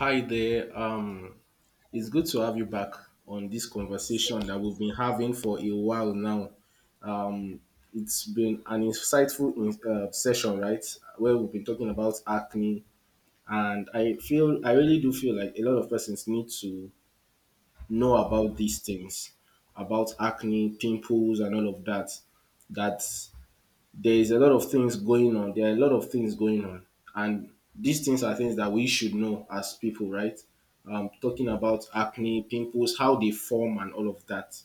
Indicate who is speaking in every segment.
Speaker 1: Hi there. It's good to have you back on this
Speaker 2: Same
Speaker 1: conversation that we've been having for a while now. Um, it's been an insightful session, right? Where we've been talking about acne, and I really do feel like a lot of persons need to know about these things, about acne, pimples, and all of that. That there is a lot of things going on. There are a lot of things going on, and these things are things that we should know as people, right? Talking
Speaker 2: here.
Speaker 1: about
Speaker 2: Yes.
Speaker 1: acne, pimples, how they form, and all of that.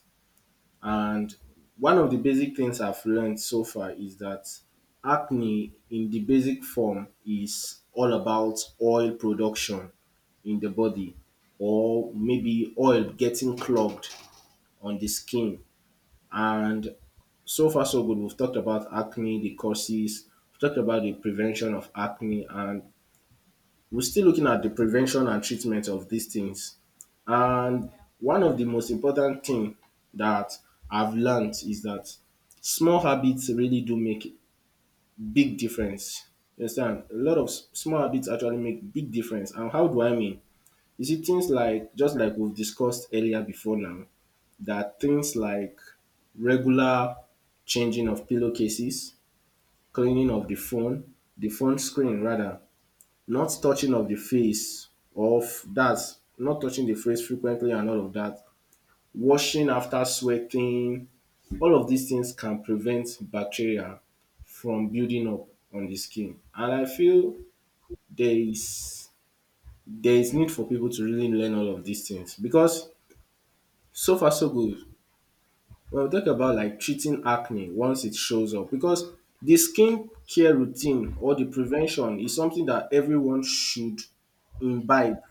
Speaker 1: And one of the basic things I've learned so far is that acne, in the basic form, is all about oil production in the body, or maybe oil getting clogged on the skin, and so far, so good. We've talked about acne, the causes, we've talked about the prevention of acne, and we're still looking at the prevention and treatment of these things. And
Speaker 2: Yeah.
Speaker 1: one of the most important thing that I've learned is that small habits really do make big difference. You understand? A lot of small habits actually make big difference. And how do I mean? You see, things like just like we've discussed earlier before now, that things like regular changing of pillowcases, cleaning of the phone screen rather, not touching of the face of that, not touching the face frequently and all of that, washing after sweating, all of these things can prevent bacteria from building up on the skin. And I feel there is there is need for people to really learn all of these things because so far so good. Well, we talk about like treating acne once it shows up because the skin care routine or the prevention is something that everyone should imbibe.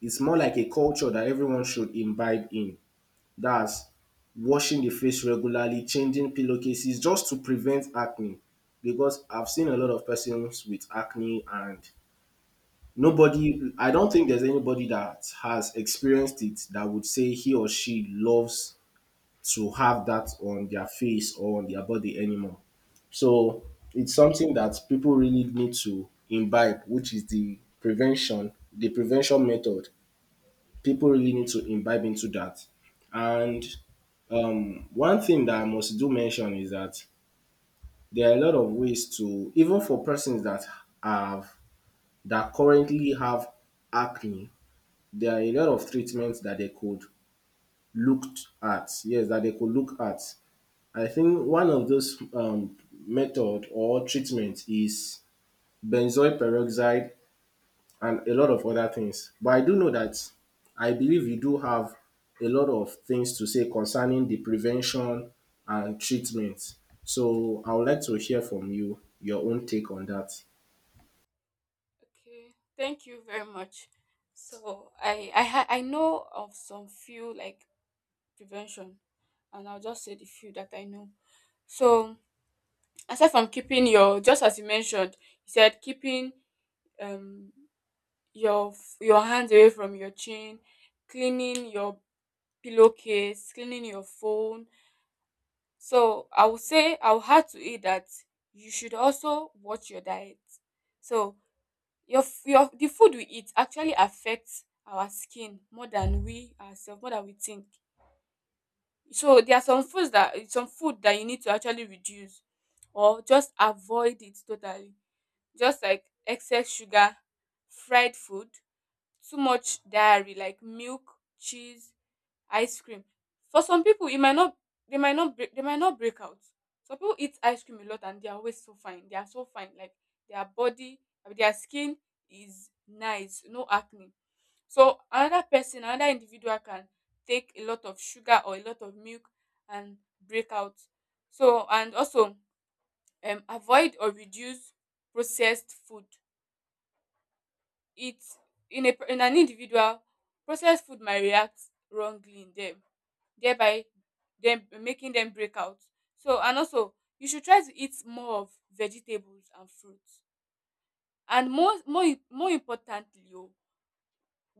Speaker 1: It's more like a culture that everyone should imbibe in. That's washing the face regularly, changing pillowcases just to prevent acne. Because I've seen a lot of persons with acne, and nobody I don't think there's anybody that has experienced it that would say he or she loves to have that on their face or on their body anymore. So it's something that people really need to imbibe, which is the prevention method. People really need to imbibe into that. And one thing that I must do mention is that there are a lot of ways to, even for persons that have that currently have acne, there are a lot of treatments that they could look at. Yes, that they could look at. I think one of those method or treatment is benzoyl peroxide and a lot of other things. But I do know that I believe you do have a lot of things to say concerning the prevention and treatment. So I would like to hear from you your own take on that.
Speaker 2: Okay. Thank you very much. So I know of some few like prevention, and I'll just say the few that I know. So aside from keeping your just as you mentioned, you said keeping um your hands away from your chin, cleaning your pillowcase, cleaning your phone. So I would say I would have to eat that you should also watch your diet. So your f- your the food we eat actually affects our skin more than we ourselves, more than we think, so there are some food that you need to actually reduce, or just avoid it totally, just like excess sugar, fried food, too much dairy like milk, cheese, ice cream. For some people, it might not they might not break out. Some people eat ice cream a lot and they are always so fine. They are so fine. Like their body, I mean, their skin is nice, no acne. So another person, another individual can take a lot of sugar or a lot of milk and break out. So and also, avoid or reduce processed food. It, in an individual, processed food might react wrongly in them, thereby them making them break out. So and also, you should try to eat more of vegetables and fruits. And more importantly, oh,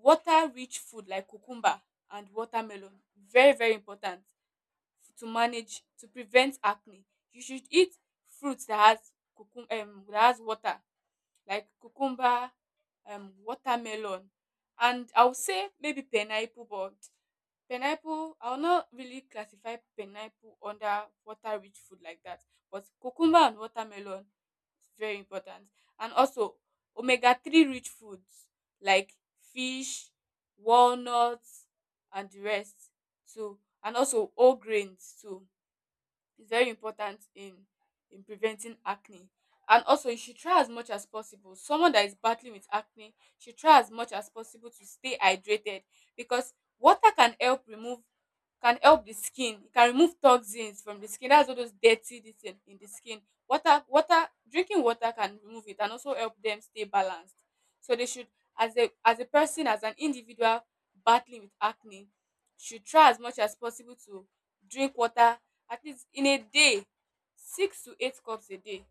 Speaker 2: water rich food like cucumber and watermelon, very very important to manage, to prevent acne. You should eat fruits that has cucum that has water, like cucumber, watermelon, and I would say maybe pineapple, but pineapple, I will not really classify pineapple under water rich food like that, but cucumber and watermelon is very important. And also omega three rich foods like fish, walnuts, and the rest too, and also whole grains too, is very important in preventing acne. And also, you should try as much as possible, someone that is battling with acne should try as much as possible to stay hydrated, because water can help remove, can help the skin, e can remove toxins from the skin, that's all those dirty this thing in the skin. Water water Drinking water can remove it and also help them stay balanced. So they should, as a person, as an individual battling with acne, should try as much as possible to drink water, at least in a day, six to eight cups a day,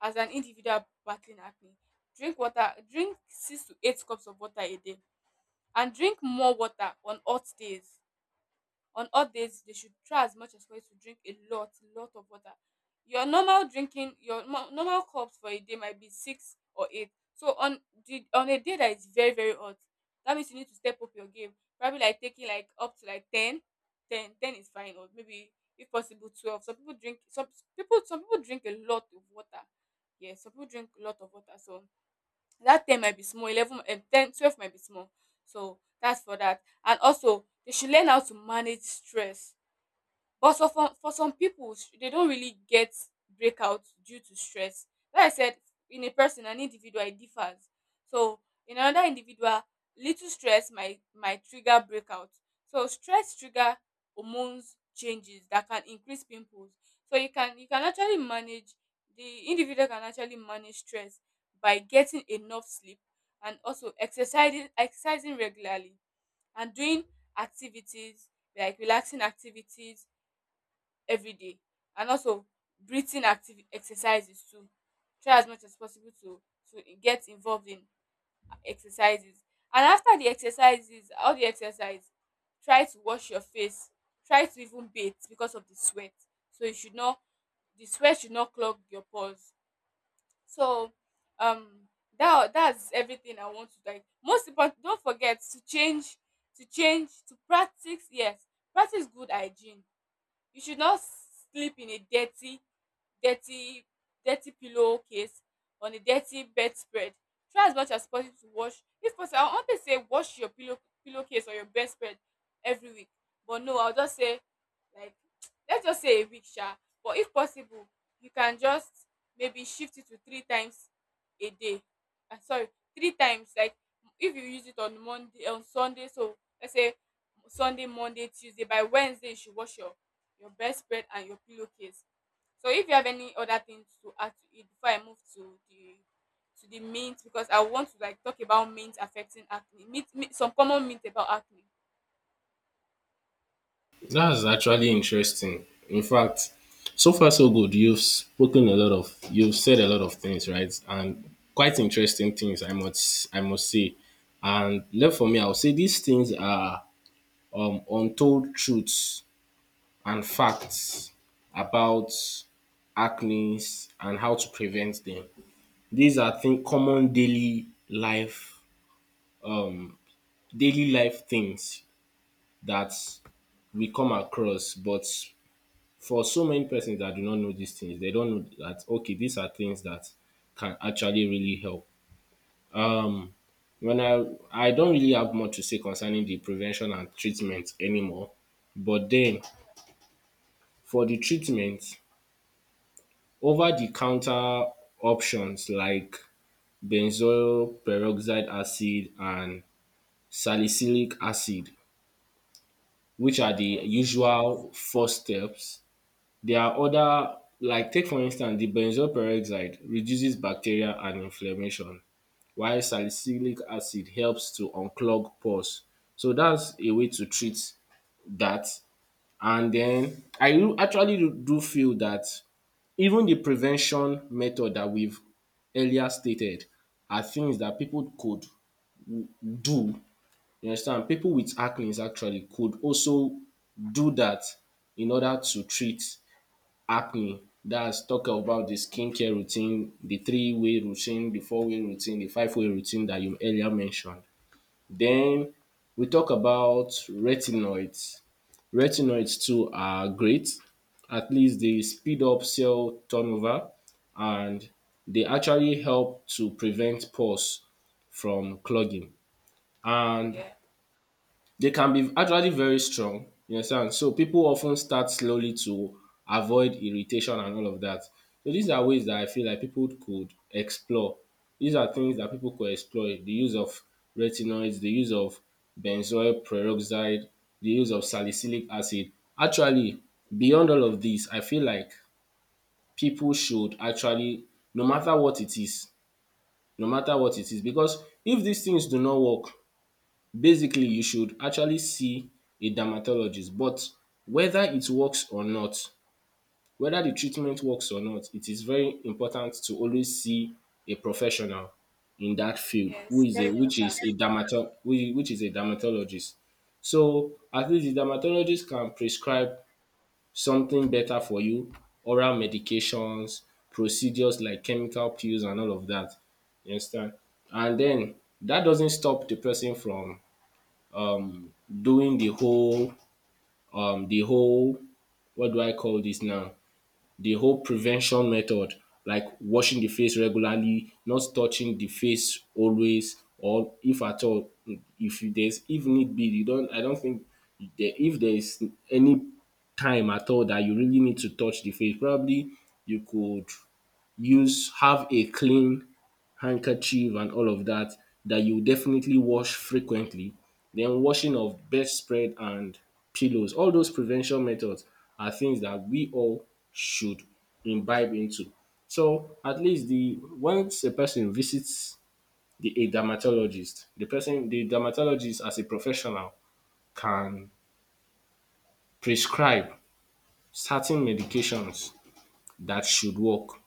Speaker 2: as an individual battling acne. Drink water, drink six to eight cups of water a day, and drink more water on hot days. On off days, they should try as much as possible to drink a lot, lot of water. Your normal drinking, your normal cups for a day might be six or eight. So on the on a day that is very very hot, that means you need to step up your game. Probably like taking like up to like 10, 10, ten is fine, or maybe if possible 12. Some people drink a lot of water. Yes, some people drink a lot of water. So that ten might be small, 11, 10, 12 might be small, so that's for that. And also, they should learn how to manage stress, but so for some people, they don't really get breakouts due to stress. Like I said, in a person, an individual, it differs. So in another individual, little stress might trigger breakout. So stress trigger hormones changes that can increase pimples. So you can actually manage, the individual can actually manage stress by getting enough sleep, and also exercising regularly, and doing activities, like relaxing activities every day, and also breathing active exercises too. Try as much as possible to get involved in exercises, and after the exercises, all the exercise, try to wash your face, try to even bathe because of the sweat, so you should not, the sweat should not clog your pores. So, um that's everything I want to, like, most important. Don't forget to change, to practice, yes, practice good hygiene. You should not sleep in a dirty dirty dirty pillowcase on a dirty bedspread. Try as much as possible to wash, if possible. I wan tey say wash your pillowcase or your bedspread every week. But no, I will just say like, let's just say a week sha, but if possible you can just maybe shift it to three times a day. Ah, sorry, three times, like, if you use it on Monday, on Sunday. So let's say Sunday, Monday, Tuesday, by Wednesday you should wash your bedspread and your pillowcase. So if you have any other things to add to it before I move to the mint, because I want to, like, talk about mint affecting acne. Mint, mint, some common mint about acne.
Speaker 1: That's actually interesting. In fact, so far so good. You've spoken a lot of, you've said a lot of things, right? And quite interesting things, I must say. And left for me, I'll say these things are untold truths and facts about acne and how to prevent them. These are thing common daily life things that we come across, but for so many persons that do not know these things, they don't know that okay, these are things that can actually really help. When I don't really have much to say concerning the prevention and treatment anymore, but then for the treatment, over the counter options like benzoyl peroxide acid and salicylic acid, which are the
Speaker 2: Yes.
Speaker 1: usual first steps, there are other like take for instance the benzoyl peroxide reduces bacteria and inflammation while salicylic acid helps to unclog pores. So that's a way to treat that. And then I do actually do feel that even the prevention method that we've earlier stated are things that people could do. You understand? People with acne actually could also do that in order to treat acne. That's talk about the skincare routine, the three-way routine, the four-way routine, the five-way routine that you earlier mentioned. Then we talk about retinoids. Retinoids too are great, at least they speed up cell turnover and they actually help to prevent pores from clogging. And
Speaker 2: Yeah.
Speaker 1: they can be actually very strong, you understand. So people often start slowly to avoid irritation and all of that. So these are ways that I feel like people could explore. These are things that people could explore. The use of retinoids, the use of benzoyl peroxide, the use of salicylic acid. Actually, beyond all of this, I feel like people should actually, no matter what it is, no matter what it is, because if these things do not work, basically, you should actually see a dermatologist. But whether it works or not, whether the treatment works or not, it is very important to always see a professional in that field who
Speaker 2: Yes.
Speaker 1: is
Speaker 2: Very
Speaker 1: a which is
Speaker 2: important.
Speaker 1: a dermato whi which is a dermatologist. So at least the dermatologist can prescribe something better for you, oral medications, procedures like chemical pills and all of that, you understand. And then that doesn't stop the person from um doing the whole the whole, what do I call this now? The whole prevention method, like washing the face regularly, not touching the face always, or if at all, if you- there's if need be, you don't. I don't think if there is any time at all that you really need to touch the face, probably you could use have a clean handkerchief and all of that that you definitely wash frequently. Then washing of bedspread and pillows. All those prevention methods are things that we all should imbibe into. So at least the once a person visits the a dermatologist, the dermatologist as a professional can prescribe certain medications that should work.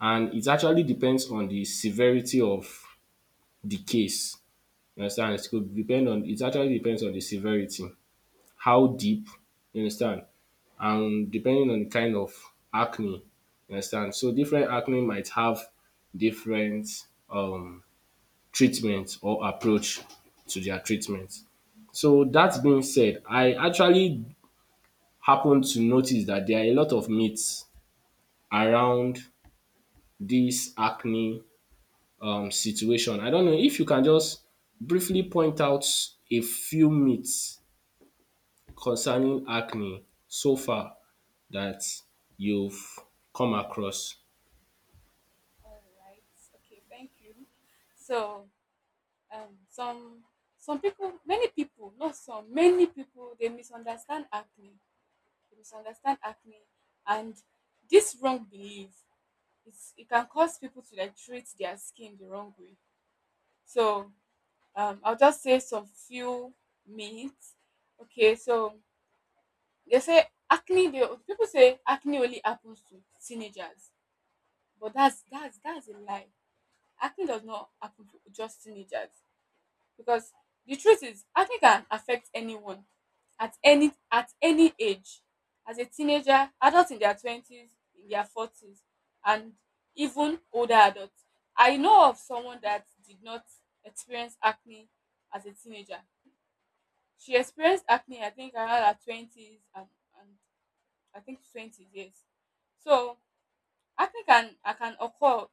Speaker 1: And it actually depends on the severity of the case. You understand? It actually depends on the severity, how deep, you understand, and depending on the kind of acne, you understand. So different acne might have different treatment or approach to their treatment. So that being said, I actually happened to notice that there are a lot of myths around this acne situation. I don't know if you can just briefly point out a few myths concerning acne so far that you've come across?
Speaker 2: All right. Okay. Thank you. So, um some some people, many people, not some, many people, they misunderstand acne, they misunderstand acne and this wrong belief, it can cause people to, like, treat their skin the wrong way. So, I'll just say some few minutes. Okay, so they say acne. They, people say acne only happens to teenagers, but that's a lie. Acne does not happen to just teenagers, because the truth is acne can affect anyone at any age, as a teenager, adults in their twenties, in their forties, and even older adults. I know of someone that did not experience acne as a teenager. She experienced acne, I think around her twenties, and I think twenties, yes. So acne can occur,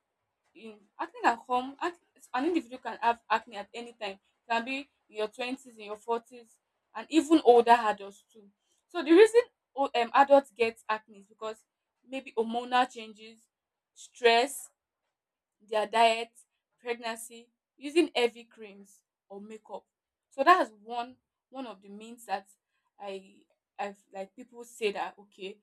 Speaker 2: in acne at home ac- an individual can have acne at any time. It can be in your 20s, in your 40s, and even older adults too. So the reason adults get acne is because maybe hormonal changes, stress, their diet, pregnancy, using heavy creams or makeup. So that's one of the means that i i've, like, people say that, okay,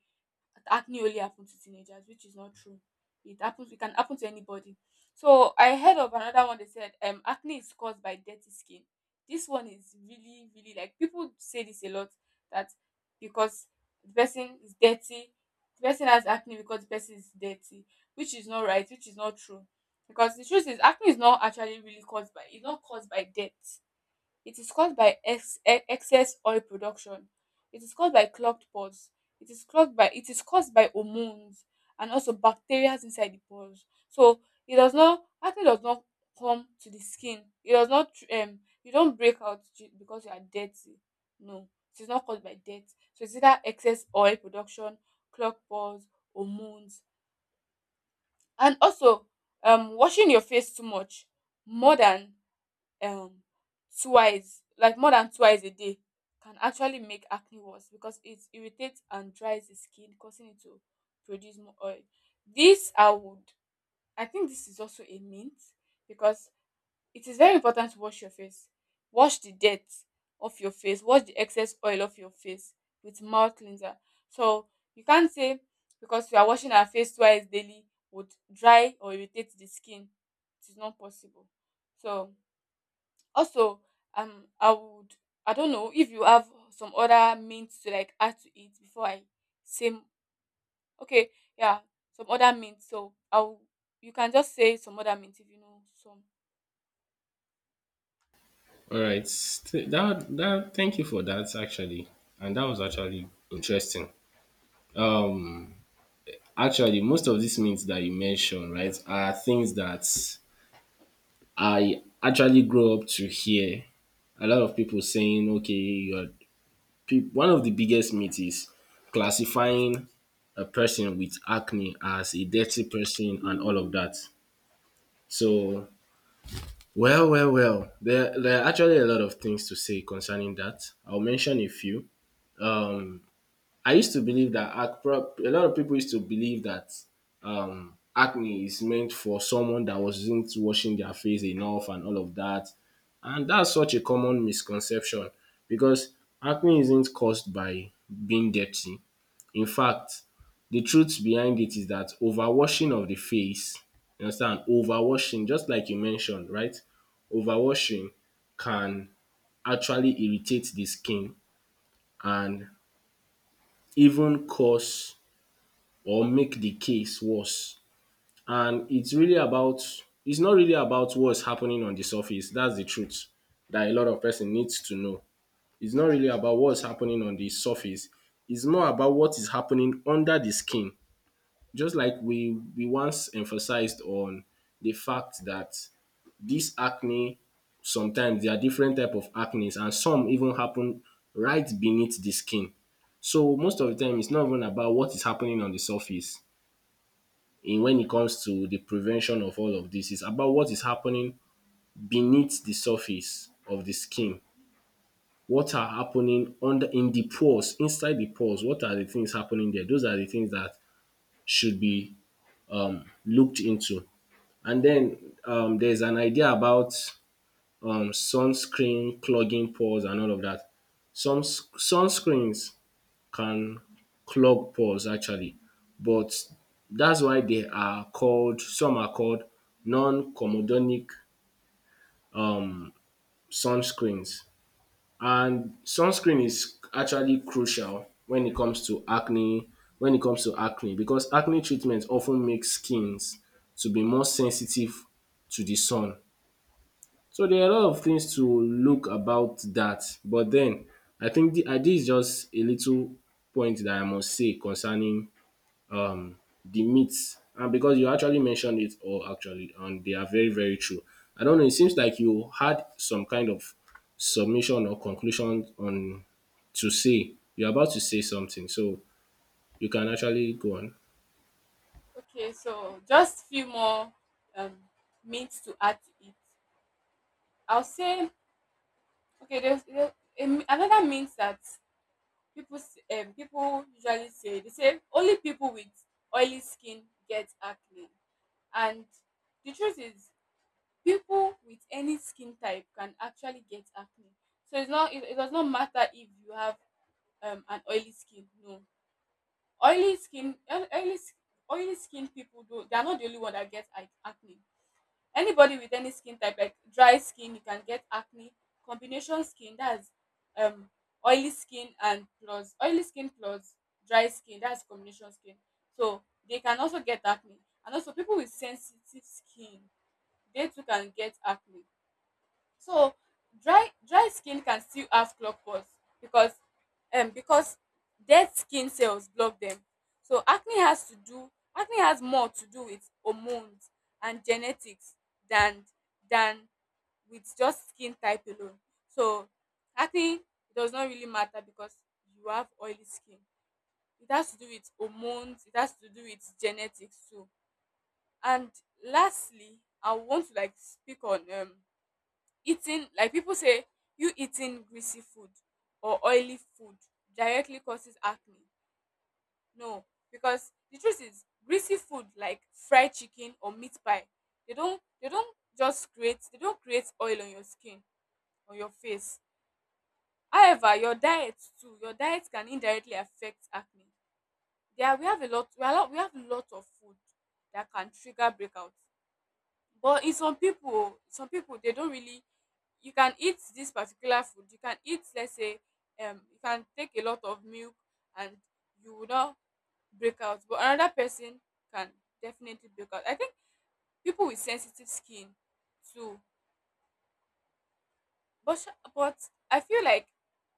Speaker 2: acne only happen to teenagers, which is not true. It happens. It can happen to anybody. So I heard of another one. They said, acne is caused by dirty skin. This one is really, really, like, people say this a lot, that because the person is dirty, the person has acne, because the person is dirty, which is not right, which is not true. Because the truth is acne is not actually really caused by, it's not caused by dirt. It is caused by excess oil production. It is caused by clogged pores. It is clogged by, it is caused by hormones, and also bacteria inside the pores. So it does not acne does not come to the skin. It does not, you don't break out because you are dirty. No, it is not caused by dirt. So it's either excess oil production, clogged pores, hormones, and also washing your face too much, more than um twice, like, more than twice a day, can actually make acne worse because it irritates and dries the skin, causing it to produce more oil. This i would i think this is also a myth, because it is very important to wash your face, wash the dirt off your face, wash the excess oil off your face with mouth cleanser. So you can't say because we are washing our face twice daily would dry or irritate the skin, it is not possible. So also, um, I would, I don't know if you have some other meat to, like, add to it before I say, okay, yeah, some other meat. You can just say some other meat if you know some.
Speaker 1: All right. That thank you for that actually. And that was actually interesting. Um Actually most of these myths that you mentioned, right, are things that I actually grew up to hear. A lot of people saying, okay, one of the biggest myths is classifying a person with acne as a dirty person and all of that. So well, well, well. There are actually a lot of things to say concerning that. I'll mention a few. Um, I used to believe that a lot of people used to believe that acne is meant for someone that wasn't washing their face enough and all of that, and that's such a common misconception because acne isn't caused by being dirty. In fact, the truth behind it is that overwashing of the face, you understand, overwashing just like you mentioned, right? Overwashing can actually irritate the skin and even cause or make the case worse. And it's not really about what's happening on the surface. That's the truth that a lot of person needs to know. It's not really about what's happening on the surface. It's more about what is happening under the skin, just like we once emphasized on the fact that this acne, sometimes there are different type of acne and some even happen right beneath the skin. So most of the time it's not even about what is happening on the surface, in when it comes to the prevention of all of this, it's about what is happening beneath the surface of the skin. What are happening under, in the pores, inside the pores, what are the things happening there? Those are the things that should be looked into. And then there's an idea about sunscreen clogging pores and all of that. Some sunscreens can clog pores actually, but that's why they are called, some are called non comedonic um, sunscreens. And sunscreen is actually crucial when it comes to acne, when it comes to acne, because acne treatment often makes skins to be more sensitive to the sun. So there are a lot of things to look about that, but then I think this is just a little point that I must say concerning um de myth, and because you actually mentioned it all actually and they are very very true. I don't know, it seems like you had some kind of submission or conclusion on to say, you are about to say something, so you can actually go on.
Speaker 2: Okay, so just few more um meats to add to it. I'll say, okay. Another meat that people usually say, they say only people with oily skin get acne, and the truth is people with any skin type can actually get acne, so it's not it, it does not matter if you have, an oily skin, no, oily skin oil- oily, s- oily skin people do, they are not the only one that gets acne. Anybody with any skin type, like dry skin, you can get acne, combination skin, that's, um oily skin, and plus oily skin plus dry skin, that's combination skin. So they can also get acne, and also people with sensitive skin, they too can get acne. So dry skin can still have clog pores, because because dead skin cells block them. So acne has to do, acne has more to do with hormones and genetics than than with just skin type alone. So acne does not really matter because you have oily skin. It has to do with hormones, it has to do with genetics too. And lastly, I want to, like, speak on, eating. Like people say, you eating greasy food or oily food directly causes acne. No, because the truth is, greasy food like fried chicken or meat pie, they don't just create, they don't create oil on your skin, on your face. However, your diet too, your diet can indirectly affect acne. There we have a lot, we have a lot of food that can trigger breakouts. But in some people, some people, they don't really. You can eat this particular food. You can eat, let's say, you can take a lot of milk and you will not break out. But another person can definitely break out. I think people with sensitive skin too. But but I feel like,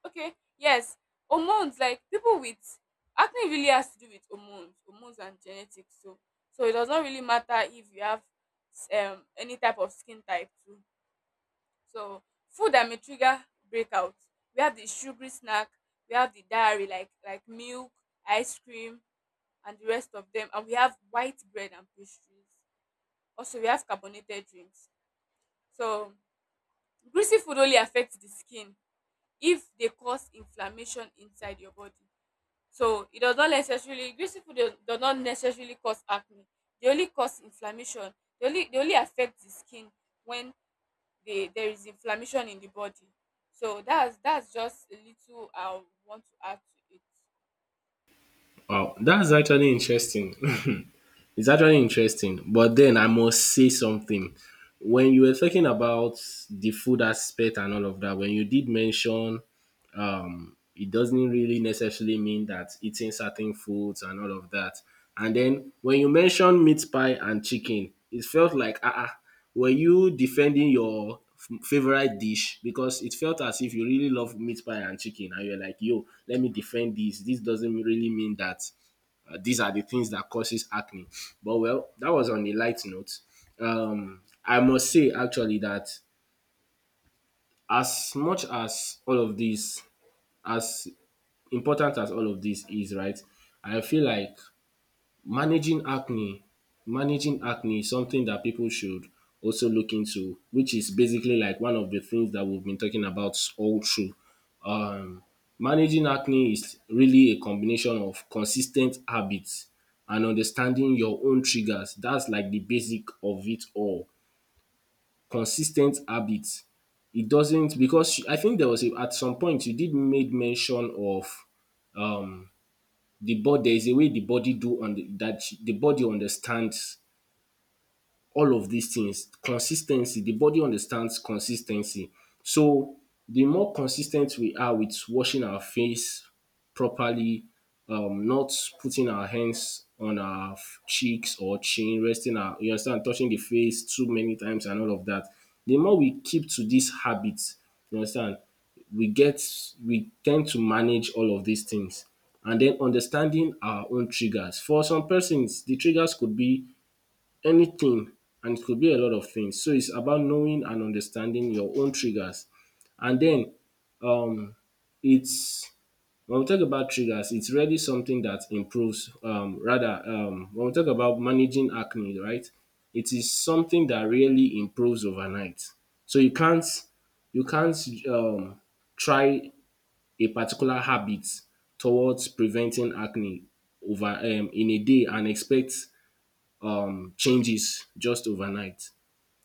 Speaker 2: okay, yes, hormones, like people with acne really has to do with hormones, hormones and genetics. So it does not really matter if you have, any type of skin type too. So food that may trigger breakout. We have the sugary snack, we have the dairy like milk, ice cream, and the rest of them. And we have white bread and pastries. Also, we have carbonated drinks. So greasy food only affects the skin if they cause inflammation inside your body. So it does not necessarily, greasy food does not necessarily cause acne. They only cause inflammation. They only affect the skin when they, there is inflammation in the body, so that's just a little I want to add to it.
Speaker 1: Wow, that's actually interesting. It's actually interesting. But then I must say something. When you were talking about the food aspect and all of that, when you did mention it doesn't really necessarily mean that eating certain foods and all of that. And then when you mentioned meat pie and chicken, it felt like were you defending your favorite dish? Because it felt as if you really love meat pie and chicken and you're like, yo, let me defend this, this doesn't really mean that these are the things that causes acne. But well, that was on a light note. I must say actually that as much as all of this, as important as all of this is, right? I feel like managing acne, managing acne is something that people should also look into, which is basically like one of the things that we've been talking about all through. Um, Managing acne is really a combination of consistent habits and understanding your own triggers. That's like the basic of it all. Consistent habits. It doesn't, because I think there was a, at some point you did made mention of um the body, there is a way the body do on the, that the body understands all of these things. Consistency. The body understands consistency. So the more consistent we are with washing our face properly, not putting our hands on our cheeks or chin, resting our, you understand, touching the face too many times and all of that. The more we keep to these habits, you understand, we get, we tend to manage all of these things. And then understanding our own triggers. For some persons, the triggers could be anything, and it could be a lot of things. So it's about knowing and understanding your own triggers. And then um it's, when we talk about triggers, it's really something that improves rather when we talk about managing acne, right? It is something that really improves overnight. So you can't um try a particular habit towards preventing acne over in a day and expect changes just overnight.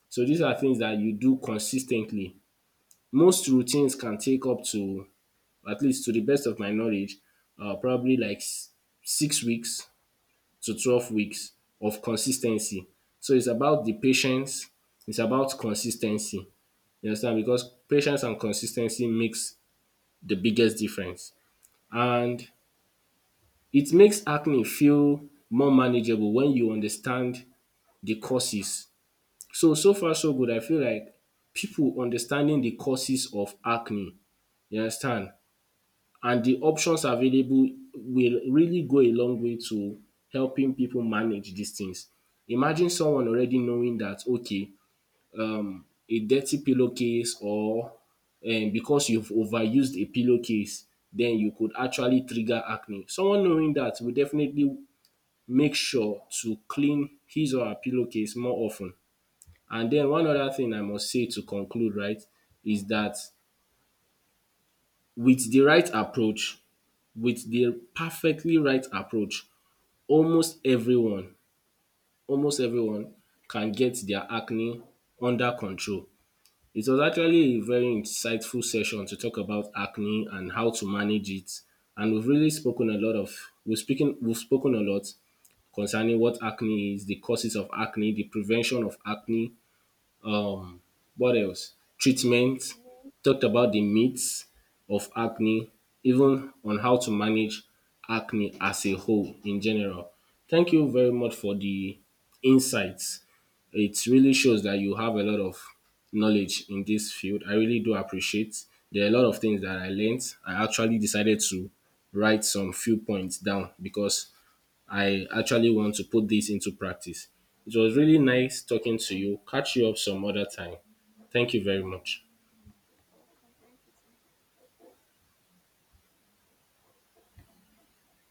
Speaker 1: So these are things that you do consistently. Most routines can take up to, at least to the best of my knowledge, probably like 6 weeks to 12 weeks of consistency. So it's about the patience, it's about consistency. You understand? Because patience and consistency makes the biggest difference. And it makes acne feel more manageable when you understand the causes. So, so far so good. I feel like people understanding the causes of acne, you understand, and the options available will really go a long way to helping people manage these things. Imagine someone already knowing that, okay, a dirty pillowcase, or because you've overused a pillowcase, then you could actually trigger acne. Someone knowing that will definitely make sure to clean his or her pillowcase more often. And then one other thing I must say to conclude, right, is that with the right approach, with the perfectly right approach, almost everyone, almost everyone can get their acne under control. It was actually a very insightful session to talk about acne and how to manage it, and we've really spoken a lot of, we've speaking, we've spoken a lot concerning what acne is, the causes of acne, the prevention of acne. Um, what else?
Speaker 2: The
Speaker 1: Treatment,
Speaker 2: main
Speaker 1: talked about the
Speaker 2: main
Speaker 1: myths of acne, even on how to manage acne as a whole in general. Thank you very much for the insights. It really shows that you have a lot of knowledge in this field. I really do appreciate. There are a lot of things that I learned. I actually decided to write some few points down because I actually want to put this into practice. It was really nice talking to you. Catch you up some other time. Thank you very much.
Speaker 2: our content is.